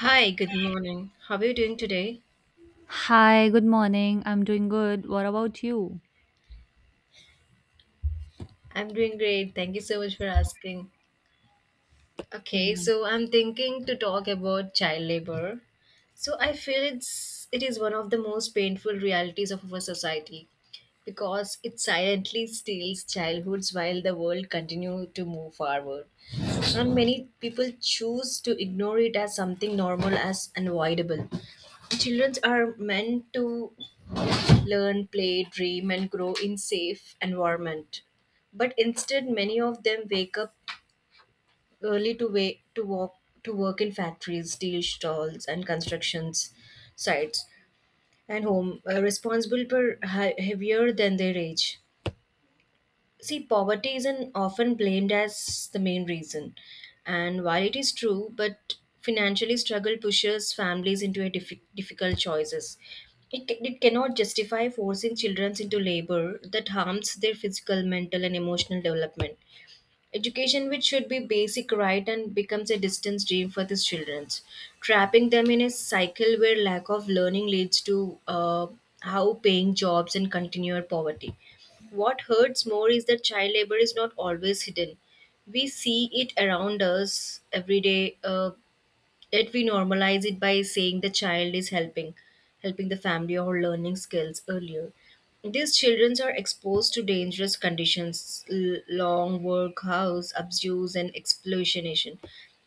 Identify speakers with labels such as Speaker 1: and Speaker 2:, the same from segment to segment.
Speaker 1: Hi, good morning. How are you doing today?
Speaker 2: Hi, good morning. I'm doing good. What about you?
Speaker 1: I'm doing great. Thank you so much for asking. Okay, so I'm thinking to talk about child labor. So I feel it is one of the most painful realities of our society because it silently steals childhoods while the world continue to move forward. And many people choose to ignore it as something normal as unavoidable. Children are meant to learn, play, dream, and grow in safe environment. But instead, many of them wake up early to wait to walk to work in factories, steel stalls, and constructions sites, and home responsible for heavier than their age. See, poverty isn't often blamed as the main reason. And while it is true, but financially struggle pushes families into a difficult choices. It cannot justify forcing children into labor that harms their physical, mental, and emotional development. Education, which should be basic right, and becomes a distance dream for these children, trapping them in a cycle where lack of learning leads to how paying jobs and continued poverty. What hurts more is that child labor is not always hidden. We see it around us every day. Yet we normalize it by saying the child is helping the family or learning skills earlier. These children are exposed to dangerous conditions, long work hours, abuse, and exploitation,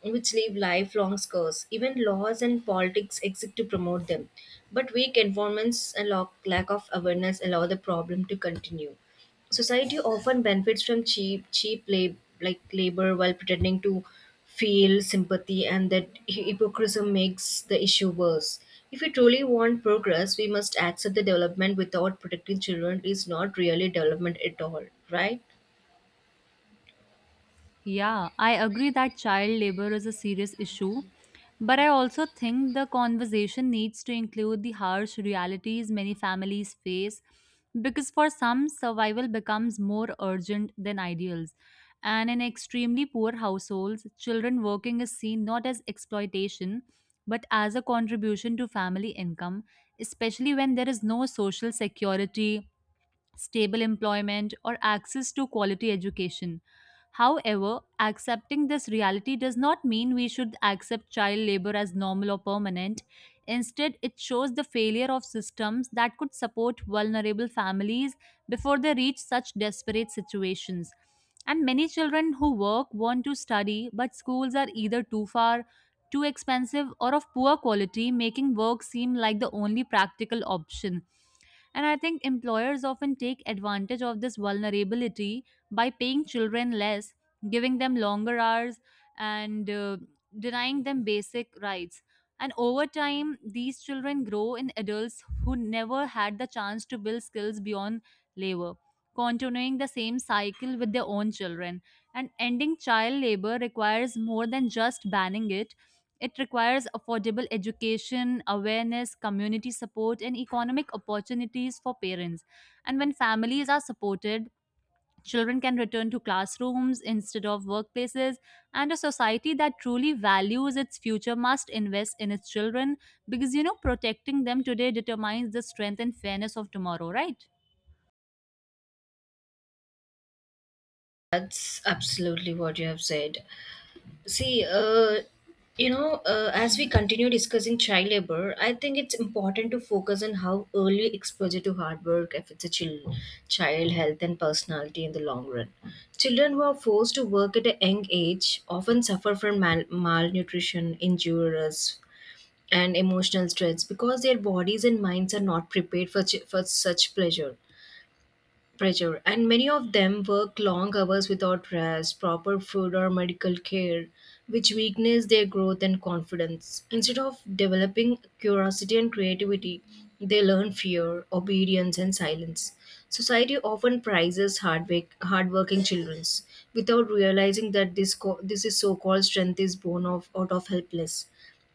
Speaker 1: which leave lifelong scars. Even laws and politics exist to promote them. But weak environments and lack of awareness allow the problem to continue. Society often benefits from cheap labor while pretending to feel sympathy, and that hypocrisy makes the issue worse. If we truly want progress, we must accept the development without protecting children is not really development at all, right?
Speaker 2: Yeah, I agree that child labor is a serious issue, but I also think the conversation needs to include the harsh realities many families face because for some, survival becomes more urgent than ideals. And in extremely poor households, children working is seen not as exploitation but as a contribution to family income, especially when there is no social security stable employment, or access to quality education. However, accepting this reality does not mean we should accept child labor as normal or permanent. Instead, it shows the failure of systems that could support vulnerable families before they reach such desperate situations. And many children who work want to study, but schools are either too far, too expensive, or of poor quality, making work seem like the only practical option. And I think employers often take advantage of this vulnerability by paying children less, giving them longer hours, and denying them basic rights. And over time, these children grow in adults who never had the chance to build skills beyond labor, continuing the same cycle with their own children. And ending child labor requires more than just banning it, it requires affordable education, awareness, community support, and economic opportunities for parents. And when families are supported, children can return to classrooms instead of workplaces. And a society that truly values its future must invest in its children because, you know, protecting them today determines the strength and fairness of tomorrow, right?
Speaker 1: That's absolutely what you have said. See, as we continue discussing child labor, I think it's important to focus on how early exposure to hard work affects a child health and personality in the long run. Children who are forced to work at a young age often suffer from malnutrition, injuries, and emotional stress because their bodies and minds are not prepared for, for such pleasure pressure, and many of them work long hours without rest, proper food, or medical care, which weakens their growth and confidence. Instead of developing curiosity and creativity, they learn fear, obedience, and silence. Society often prizes hard work, hardworking children, without realizing that this is so-called strength is born of out of helpless.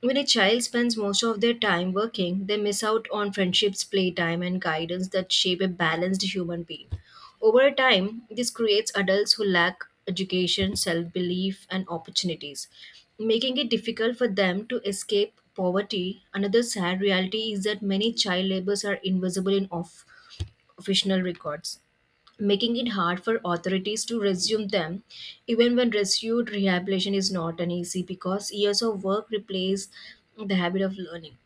Speaker 1: When a child spends most of their time working, they miss out on friendships, playtime, and guidance that shape a balanced human being. Over time, this creates adults who lack education, self belief, and opportunities, making it difficult for them to escape poverty. Another sad reality is that many child laborers are invisible in official records, making it hard for authorities to resume them, even when resumed rehabilitation is not an easy because years of work replace the habit of learning.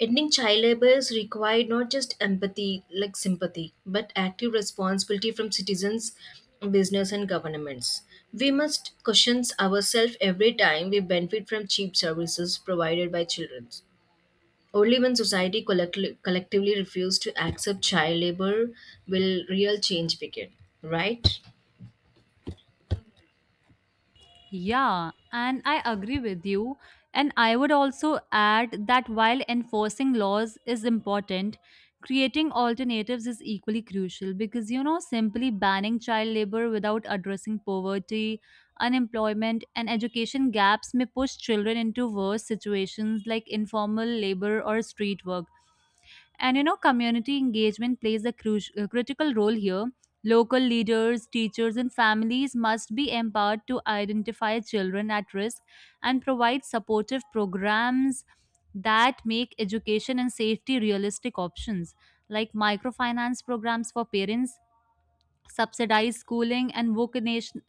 Speaker 1: Ending child labor is required not just empathy, like sympathy, but active responsibility from citizens, business, and governments. We must question ourselves every time we benefit from cheap services provided by children. Only when society collectively refuse to accept child labor will real change begin, right?
Speaker 2: Yeah, and I agree with you. And I would also add that while enforcing laws is important, creating alternatives is equally crucial because, you know, simply banning child labor without addressing poverty, unemployment, and education gaps may push children into worse situations like informal labor or street work. And you know, community engagement plays a critical role here. Local leaders, teachers, and families must be empowered to identify children at risk and provide supportive programs that make education and safety realistic options, like microfinance programs for parents subsidized schooling and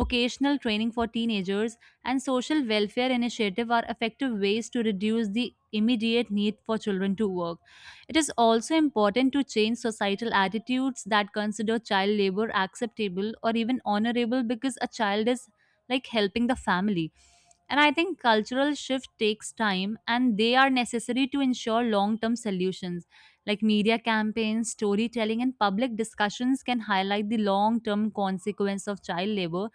Speaker 2: vocational training for teenagers and social welfare initiative are effective ways to reduce the immediate need for children to work. It is also important to change societal attitudes that consider child labor acceptable or even honorable because a child is like helping the family. And I think cultural shift takes time and they are necessary to ensure long term solutions. Like media campaigns, storytelling, and public discussions can highlight the long term consequence of child labor,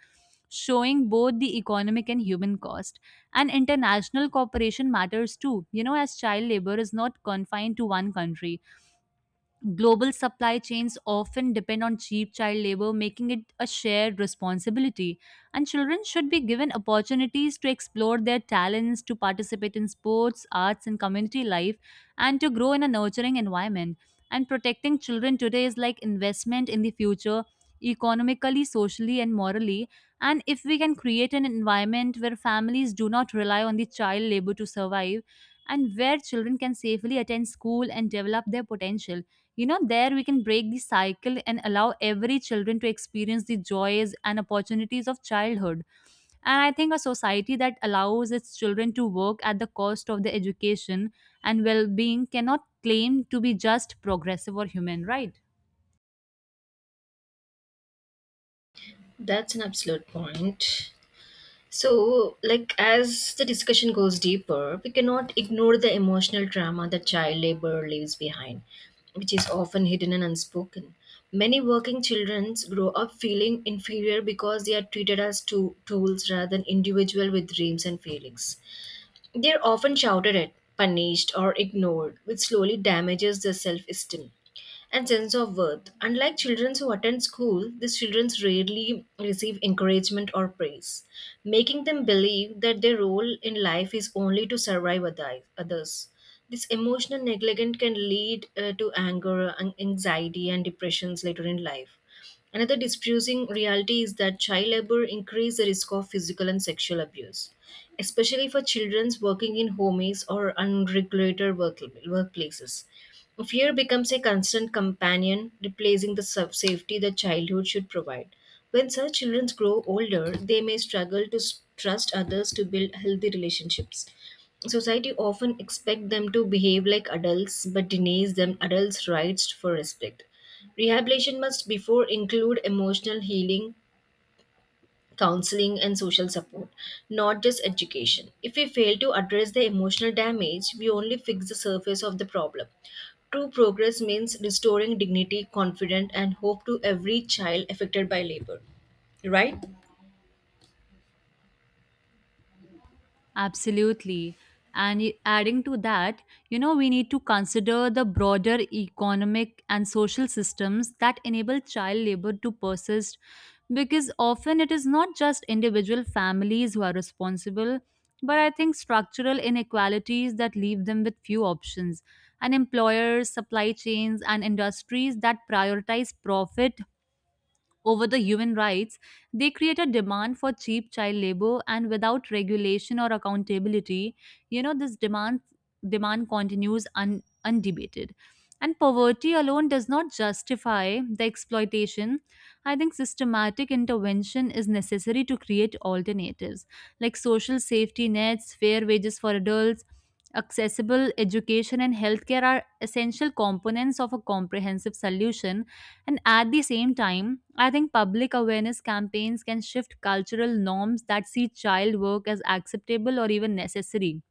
Speaker 2: showing both the economic and human cost. And international cooperation matters too, you know, as child labor is not confined to one country. Global supply chains often depend on cheap child labor, making it a shared responsibility. And children should be given opportunities to explore their talents, to participate in sports, arts, and community life, and to grow in a nurturing environment. And protecting children today is like investment in the future, economically, socially, and morally. And if we can create an environment where families do not rely on the child labor to survive, and where children can safely attend school and develop their potential, you know, there we can break the cycle and allow every children to experience the joys and opportunities of childhood. And I think a society that allows its children to work at the cost of their education and well-being cannot claim to be just progressive or human right.
Speaker 1: That's an absolute point. So, like, as the discussion goes deeper, we cannot ignore the emotional trauma that child labor leaves behind, which is often hidden and unspoken. Many working children grow up feeling inferior because they are treated as two tools rather than individual with dreams and feelings. They're often shouted at, punished, or ignored, which slowly damages their self esteem and sense of worth. Unlike children who attend school, these children rarely receive encouragement or praise, making them believe that their role in life is only to survive others. This emotional neglect can lead to anger, anxiety, and depressions later in life. Another distressing reality is that child labor increases the risk of physical and sexual abuse, especially for children working in homes or unregulated workplaces. Fear becomes a constant companion, replacing the safety that childhood should provide. When such children grow older, they may struggle to trust others to build healthy relationships. Society often expect them to behave like adults but denies them adults' rights for respect. Rehabilitation must before include emotional healing, counseling and social support, not just education. If we fail to address the emotional damage, we only fix the surface of the problem. True progress means restoring dignity, confidence and hope to every child affected by labor. Right?
Speaker 2: Absolutely. And adding to that, you know, we need to consider the broader economic and social systems that enable child labor to persist because often it is not just individual families who are responsible, but I think structural inequalities that leave them with few options. And employers, supply chains, and industries that prioritize profit over the human rights, they create a demand for cheap child labor and without regulation or accountability, you know, this demand continues undebated. And poverty alone does not justify the exploitation. I think systematic intervention is necessary to create alternatives like social safety nets, fair wages for adults, accessible education and healthcare are essential components of a comprehensive solution. And at the same time, I think public awareness campaigns can shift cultural norms that see child work as acceptable or even necessary.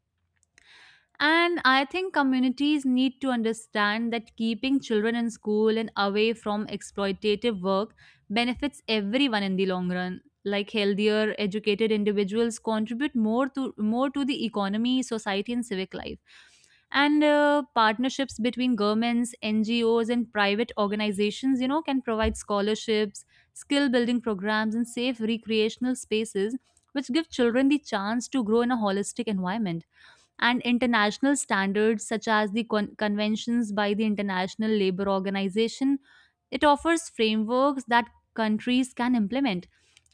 Speaker 2: And I think communities need to understand that keeping children in school and away from exploitative work benefits everyone in the long run. Like healthier, educated individuals contribute more to the economy, society, and civic life. And partnerships between governments, NGOs, and private organizations, you know, can provide scholarships, skill building programs, and safe recreational spaces, which give children the chance to grow in a holistic environment. And international standards such as the conventions by the International Labour Organization. It offers frameworks that countries can implement.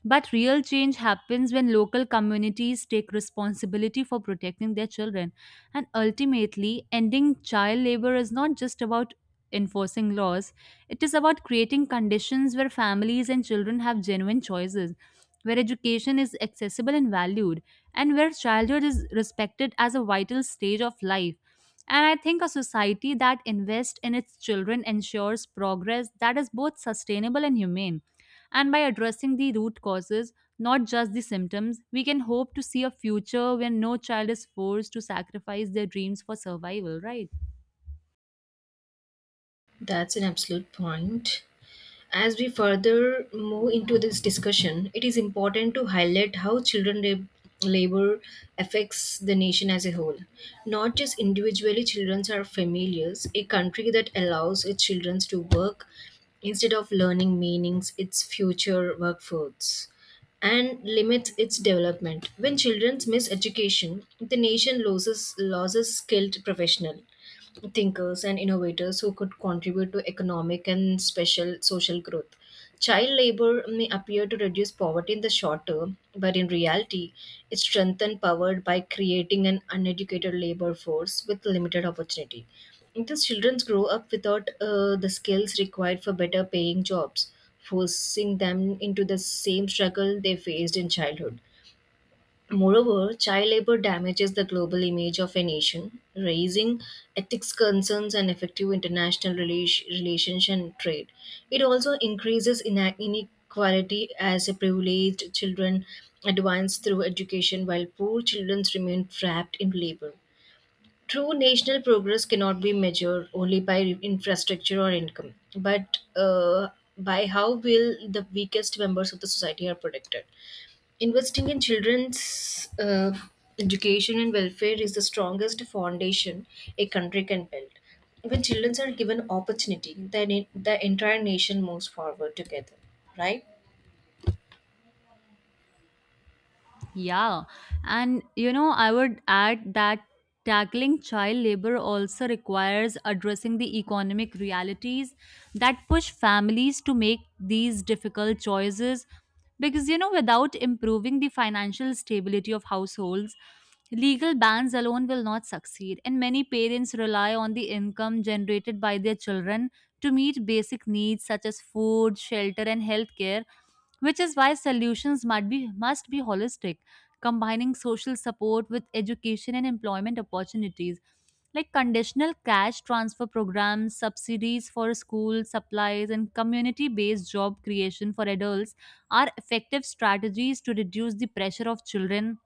Speaker 2: But real change happens when local communities take responsibility for protecting their children. And ultimately, ending child labor is not just about enforcing laws. It is about creating conditions where families and children have genuine choices, where education is accessible and valued, and where childhood is respected as a vital stage of life. And I think a society that invests in its children ensures progress that is both sustainable and humane. And by addressing the root causes, not just the symptoms, we can hope to see a future where no child is forced to sacrifice their dreams for survival, right?
Speaker 1: That's an absolute point. As we further move into this discussion, it is important to highlight how children labor affects the nation as a whole. Not just individually, children are familiars. A country that allows its children to work instead of learning meanings, its future workforce and limits its development. When children miss education, the nation loses skilled professional thinkers, and innovators who could contribute to economic and special social growth. Child labor may appear to reduce poverty in the short term, but in reality, it strengthens poverty by creating an uneducated labor force with limited opportunity. Thus, children grow up without the skills required for better paying jobs, forcing them into the same struggle they faced in childhood. Moreover, child labor damages the global image of a nation, raising ethics concerns and effective international relations and trade. It also increases inequality as privileged children advance through education while poor children remain trapped in labor. True national progress cannot be measured only by infrastructure or income, but by how will the weakest members of the society are protected. Investing in children's education and welfare is the strongest foundation a country can build. When children are given opportunity, then the entire nation moves forward together, right?
Speaker 2: Yeah, and you know, I would add that tackling child labor also requires addressing the economic realities that push families to make these difficult choices. Because you know, without improving the financial stability of households, legal bans alone will not succeed. And many parents rely on the income generated by their children to meet basic needs such as food, shelter, and healthcare, which is why solutions must be holistic, combining social support with education and employment opportunities. Like conditional cash transfer programs, subsidies for school supplies, and community based job creation for adults are effective strategies to reduce the pressure of children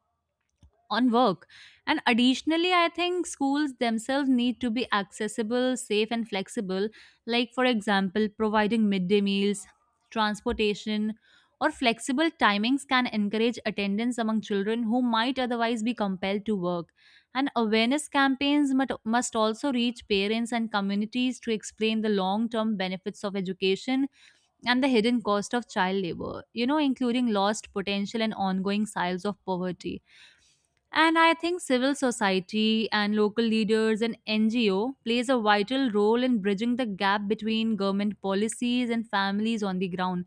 Speaker 2: on work. And additionally, I think schools themselves need to be accessible, safe, and flexible, like, for example, providing midday meals, transportation, or flexible timings can encourage attendance among children who might otherwise be compelled to work. And awareness campaigns must also reach parents and communities to explain the long term benefits of education and the hidden cost of child labor, you know, including lost potential and ongoing cycles of poverty. And I think civil society and local leaders and NGO plays a vital role in bridging the gap between government policies and families on the ground.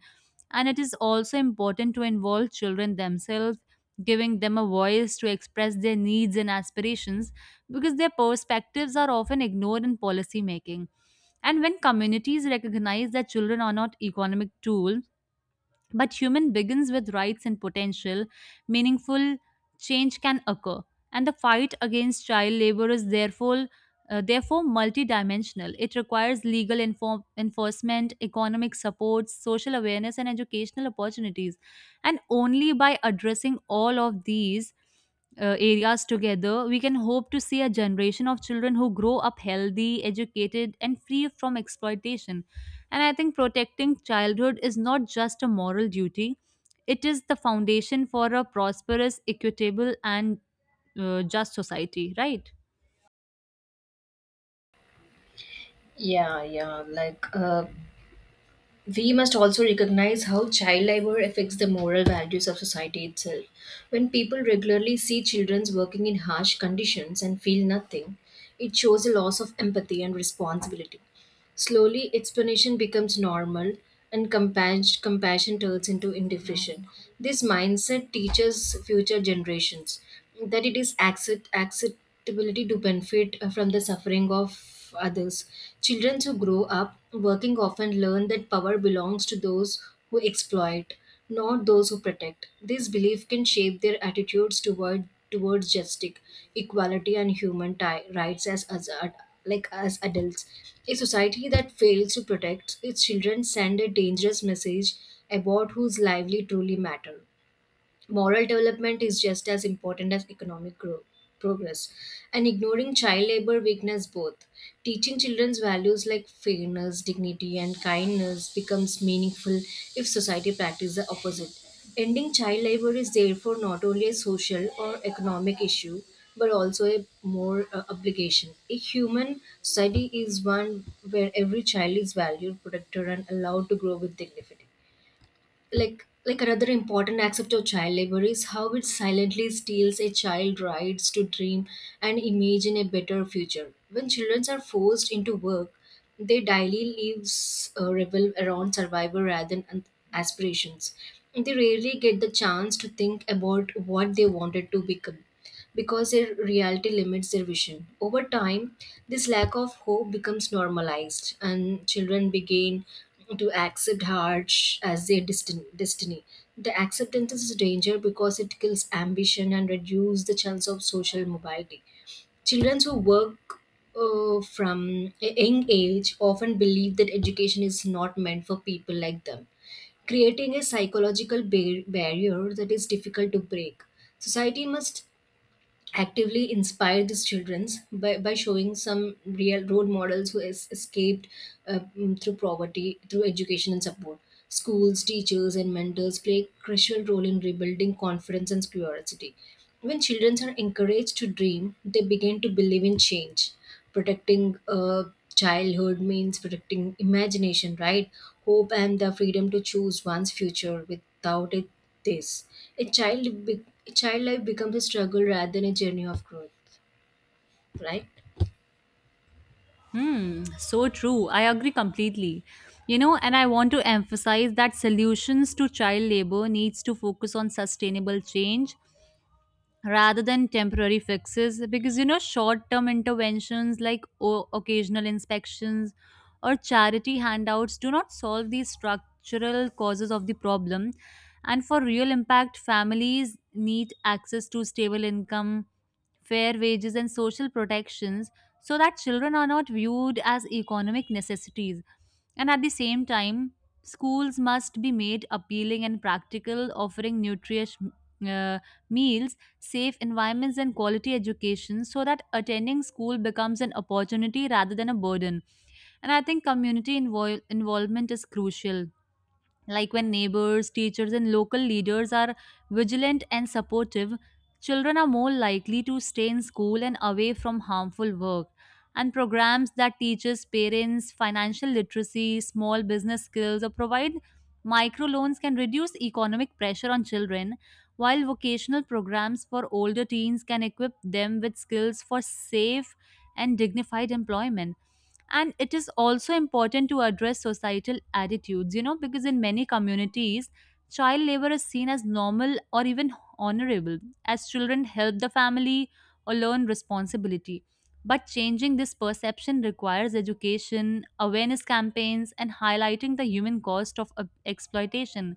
Speaker 2: And it is also important to involve children themselves, giving them a voice to express their needs and aspirations because their perspectives are often ignored in policy making. And when communities recognize that children are not economic tool but human begins with rights and potential, meaningful change can occur. And the fight against child labor is therefore multidimensional. It requires legal enforcement, economic support, social awareness, and educational opportunities. And only by addressing all of these areas together, we can hope to see a generation of children who grow up healthy, educated, and free from exploitation. And I think protecting childhood is not just a moral duty, it is the foundation for a prosperous, equitable, and just society, right?
Speaker 1: Yeah, yeah. Like we must also recognize how child labor affects the moral values of society itself. When people regularly see children working in harsh conditions and feel nothing, it shows a loss of empathy and responsibility. Slowly, explanation becomes normal and compassion turns into indifference. This mindset teaches future generations that it is acceptability to benefit from the suffering of others. Children who grow up working often learn that power belongs to those who exploit not those who protect. This belief can shape their attitudes towards justice, equality, and human rights like as adults. A society that fails to protect its children send a dangerous message about whose lively truly matter. Moral development is just as important as economic growth, progress, and ignoring child labor weakness both. Teaching children's values like fairness, dignity, and kindness becomes meaningful if society practices the opposite. Ending child labor is therefore not only a social or economic issue but also a more obligation. A human society is one where every child is valued, protected, and allowed to grow with dignity. Like another important aspect of child labor is how it silently steals a child's rights to dream and imagine a better future. When children are forced into work, their daily lives revolve around survival rather than aspirations. They rarely get the chance to think about what they wanted to become because their reality limits their vision. Over time, this lack of hope becomes normalized, and children begin to accept harsh as their destiny. The acceptance is a danger because it kills ambition and reduces the chance of social mobility. Children who work from a young age often believe that education is not meant for people like them, creating a psychological barrier that is difficult to break. Society must actively inspire these children by showing some real role models who has escaped through poverty through education and support. Schools, teachers and mentors play a crucial role in rebuilding confidence and curiosity. When children are encouraged to dream, they begin to believe in change. Protecting childhood means protecting imagination, right, hope and the freedom to choose one's future. Without it, this a child life becomes a struggle rather than a journey of growth, right?
Speaker 2: Hmm, so true. I agree completely. You know, and I want to emphasize that solutions to child labor needs to focus on sustainable change rather than temporary fixes because you know short term interventions like occasional inspections or charity handouts do not solve the structural causes of the problem. And for real impact families need access to stable income, fair wages and social protections so that children are not viewed as economic necessities. And at the same time schools must be made appealing and practical, offering nutritious uh, meals, safe environments and quality education so that attending school becomes an opportunity rather than a burden. And I think community involvement is crucial, like when neighbors, teachers, and local leaders are vigilant and supportive, children are more likely to stay in school and away from harmful work. And programs that teaches parents financial literacy, small business skills, or provide microloans can reduce economic pressure on children, while vocational programs for older teens can equip them with skills for safe and dignified employment. And it is also important to address societal attitudes, you know, because in many communities child labor is seen as normal or even honorable, as children help the family or learn responsibility, but changing this perception requires education, awareness campaigns and highlighting the human cost of exploitation.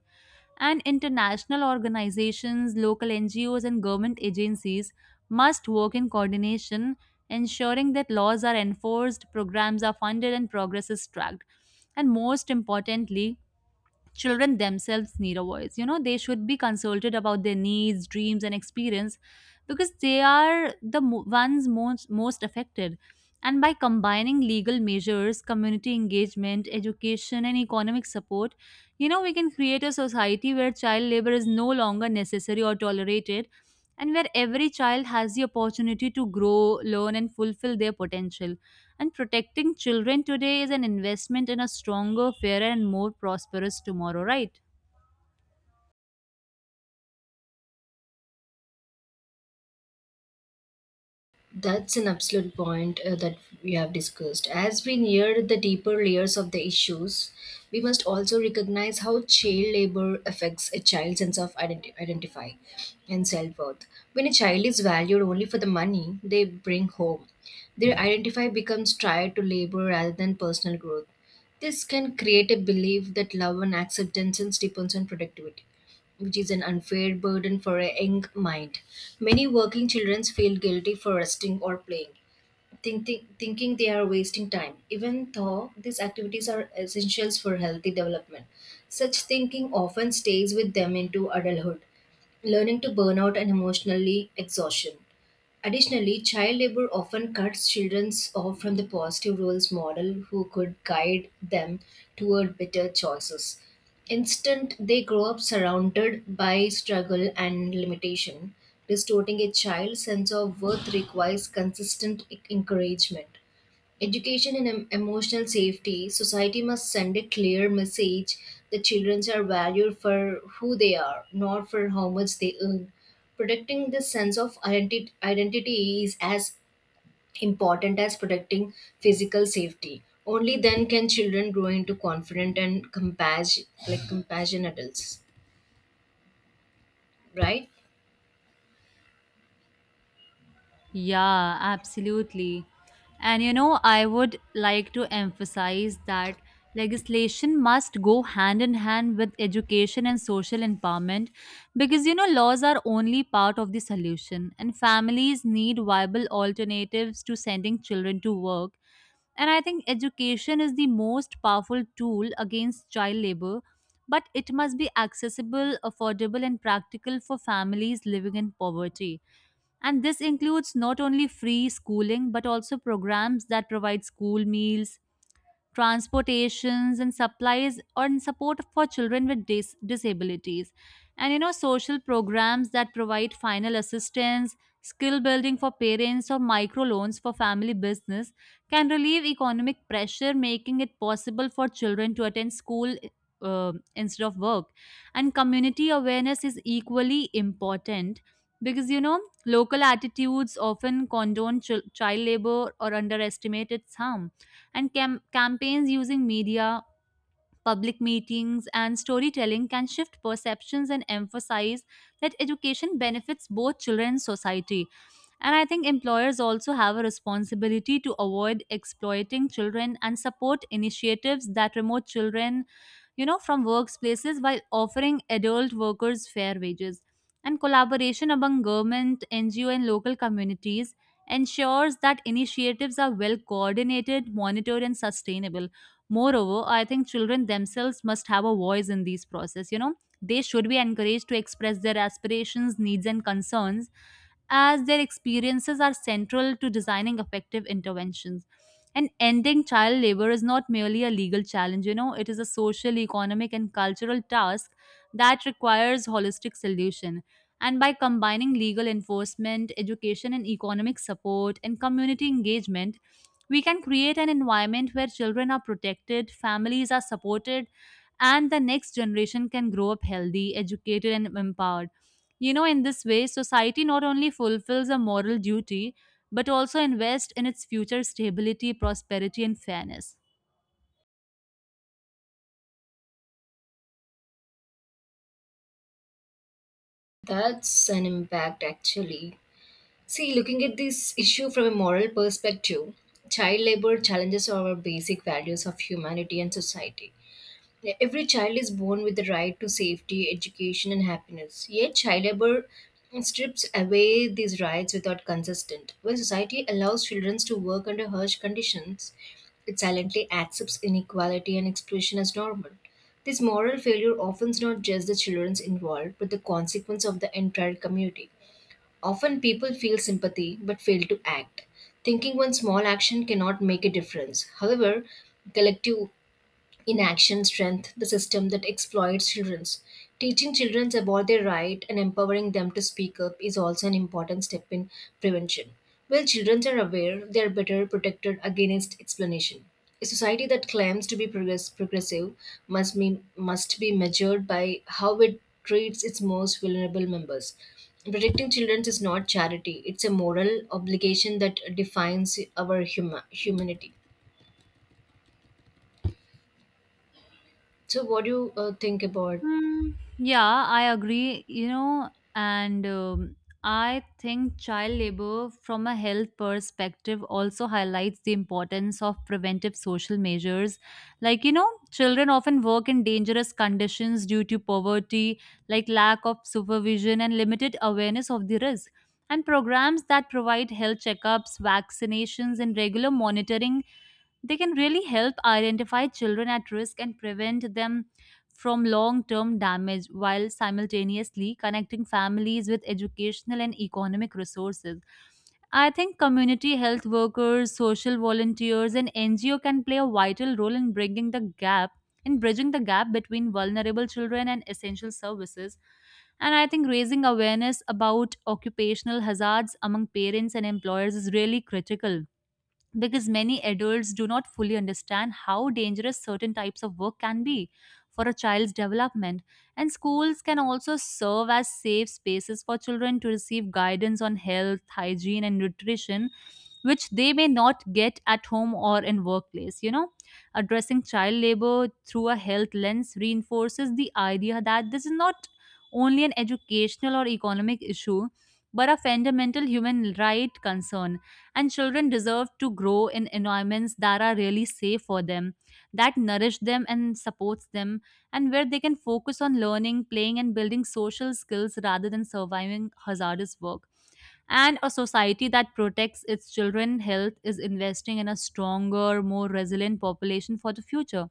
Speaker 2: And international organizations, local NGOs, and government agencies must work in coordination, ensuring that laws are enforced, programs are funded, and progress is tracked. And most importantly, children themselves need a voice. You know they should be consulted about their needs, dreams, and experience, because they are the ones most affected. And by combining legal measures, community engagement, education, and economic support, we can create a society where child labor is no longer necessary or tolerated, and where every child has the opportunity to grow, learn, and fulfill their potential. And protecting children today is an investment in a stronger, fairer, and more prosperous tomorrow, right?
Speaker 1: That's an absolute point that we have discussed. As we near the deeper layers of the issues, we must also recognize how child labor affects a child's sense of identify and self worth. When a child is valued only for the money they bring home, their identify becomes tied to labor rather than personal growth. This can create a belief that love and acceptance depends on productivity, which is an unfair burden for a young mind. Many working children feel guilty for resting or playing, thinking they are wasting time, even though these activities are essentials for healthy development. Such thinking often stays with them into adulthood, learning to burn out and emotionally exhaustion. Additionally, child labor often cuts children off from the positive roles model who could guide them toward better choices. Instead, they grow up surrounded by struggle and limitation. Restoring a child's sense of worth requires consistent encouragement. Education and emotional safety, society must send a clear message that children are valued for who they are, not for how much they earn. Protecting this sense of identity is as important as protecting physical safety. Only then can children grow into confident and compassionate adults, right?
Speaker 2: Yeah, absolutely. And I would like to emphasize that legislation must go hand in hand with education and social empowerment, because laws are only part of the solution, and families need viable alternatives to sending children to work. And I think education is the most powerful tool against child labor, but it must be accessible, affordable, and practical for families living in poverty. And this includes not only free schooling, but also programs that provide school meals, transportations and supplies, and support for children with disabilities, and social programs that provide final assistance, skill building for parents, or microloans for family business can relieve economic pressure, making it possible for children to attend school instead of work. And community awareness is equally important, because local attitudes often condone child labor or underestimate its harm. And campaigns using media, public meetings, and storytelling can shift perceptions and emphasize that education benefits both children and society. And I think employers also have a responsibility to avoid exploiting children and support initiatives that promote children, from workplaces, while offering adult workers fair wages. And collaboration among government, NGO, and local communities ensures that initiatives are well coordinated, monitored, and sustainable. Moreover, I think children themselves must have a voice in these process. You know they should be encouraged to express their aspirations, needs, and concerns, as their experiences are central to designing effective interventions. And ending child labor is not merely a legal challenge, it is a social, economic, and cultural task that requires holistic solution. And by combining legal enforcement, education and economic support, and community engagement, we can create an environment where children are protected, families are supported, and the next generation can grow up healthy, educated, and empowered. In this way, society not only fulfills a moral duty but also invest in its future stability, prosperity, and fairness.
Speaker 1: That's an impact actually. See, looking at this issue from a moral perspective, child labor challenges our basic values of humanity and society. Every child is born with the right to safety, education, and happiness. Yet, child labor strips away these rights without consent. When society allows children to work under harsh conditions, it silently accepts inequality and exploitation as normal. This moral failure often is not just the children involved, but the consequence of the entire community. Often people feel sympathy but fail to act, thinking one small action cannot make a difference. However, collective inaction strength the system that exploits children. Teaching children about their right and empowering them to speak up is also an important step in prevention. While children are aware, they are better protected against explanation. A society that claims to be progressive must be measured by how it treats its most vulnerable members. Protecting children is not charity, it's a moral obligation that defines our humanity. So what do you think about.
Speaker 2: Hmm, yeah, I agree. You know, and I think child labor from a health perspective also highlights the importance of preventive social measures. Children often work in dangerous conditions due to poverty, like lack of supervision and limited awareness of the risk. And programs that provide health checkups, vaccinations, and regular monitoring, they can really help identify children at risk and prevent them from long term damage, while simultaneously connecting families with educational and economic resources. I think community health workers, social volunteers, and NGO can play a vital role in bringing the gap in bridging the gap between vulnerable children and essential services. And I think raising awareness about occupational hazards among parents and employers is really critical, because many adults do not fully understand how dangerous certain types of work can be for a child's development. And schools can also serve as safe spaces for children to receive guidance on health, hygiene, and nutrition, which they may not get at home or in workplace. Addressing child labor through a health lens reinforces the idea that this is not only an educational or economic issue, but a fundamental human right concern. And children deserve to grow in environments that are really safe for them, that nourish them and supports them, and where they can focus on learning, playing, and building social skills rather than surviving hazardous work. And a society that protects its children's health is investing in a stronger, more resilient population for the future.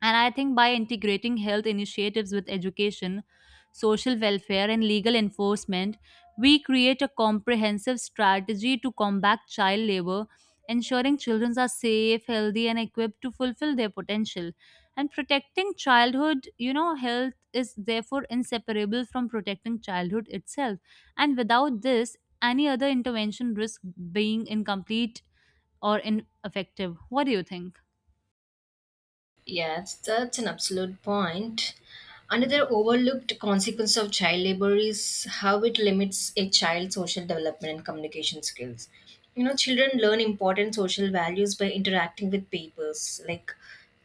Speaker 2: And I think by integrating health initiatives with education, social welfare, and legal enforcement, we create a comprehensive strategy to combat child labor, ensuring children are safe, healthy, and equipped to fulfill their potential. And protecting childhood, health is therefore inseparable from protecting childhood itself. And without this, any other intervention risks being incomplete or ineffective. What do you think?
Speaker 1: Yes, that's an absolute point. Another overlooked consequence of child labor is how it limits a child's social development and communication skills. You know, children learn important social values by interacting with peers, like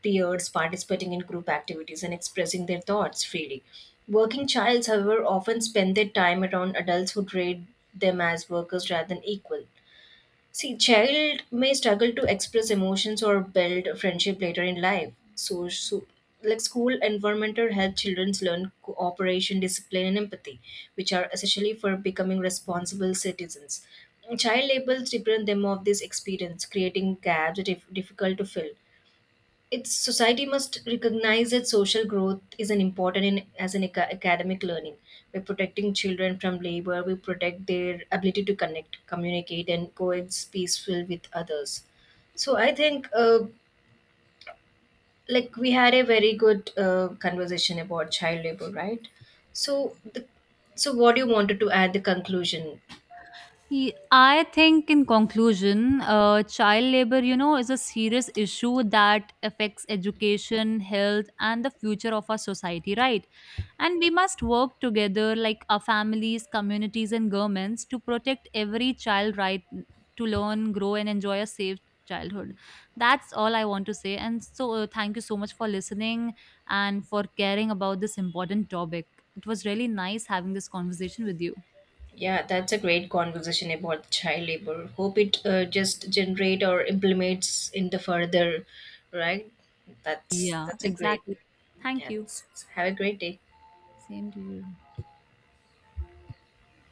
Speaker 1: peers, participating in group activities, and expressing their thoughts freely. Working childs, however, often spend their time around adults who treat them as workers rather than equal. See, child may struggle to express emotions or build friendship later in life. Like school environmental help children learn cooperation, discipline, and empathy, which are essentially for becoming responsible citizens. Child labels deprive them of this experience, creating gaps that difficult to fill. Its society must recognize that social growth is an important in, as an academic learning. By protecting children from labor, we protect their ability to connect, communicate and coexist peaceful with others. So I think like we had a very good conversation about child labor, right? So the, so what do you wanted to add the conclusion.
Speaker 2: I think, in conclusion, child labor, is a serious issue that affects education, health, and the future of our society, right? And we must work together, like our families, communities, and governments, to protect every child right to learn, grow, and enjoy a safe childhood. That's all I want to say. And so, thank you so much for listening and for caring about this important topic. It was really nice having this conversation with you.
Speaker 1: Yeah, that's a great conversation about child labor. Hope it just generate or implements in the further, right? That's
Speaker 2: Yeah,
Speaker 1: that's a great.
Speaker 2: exactly. Thank you.
Speaker 1: Yes. Have a great day.
Speaker 2: Same to you.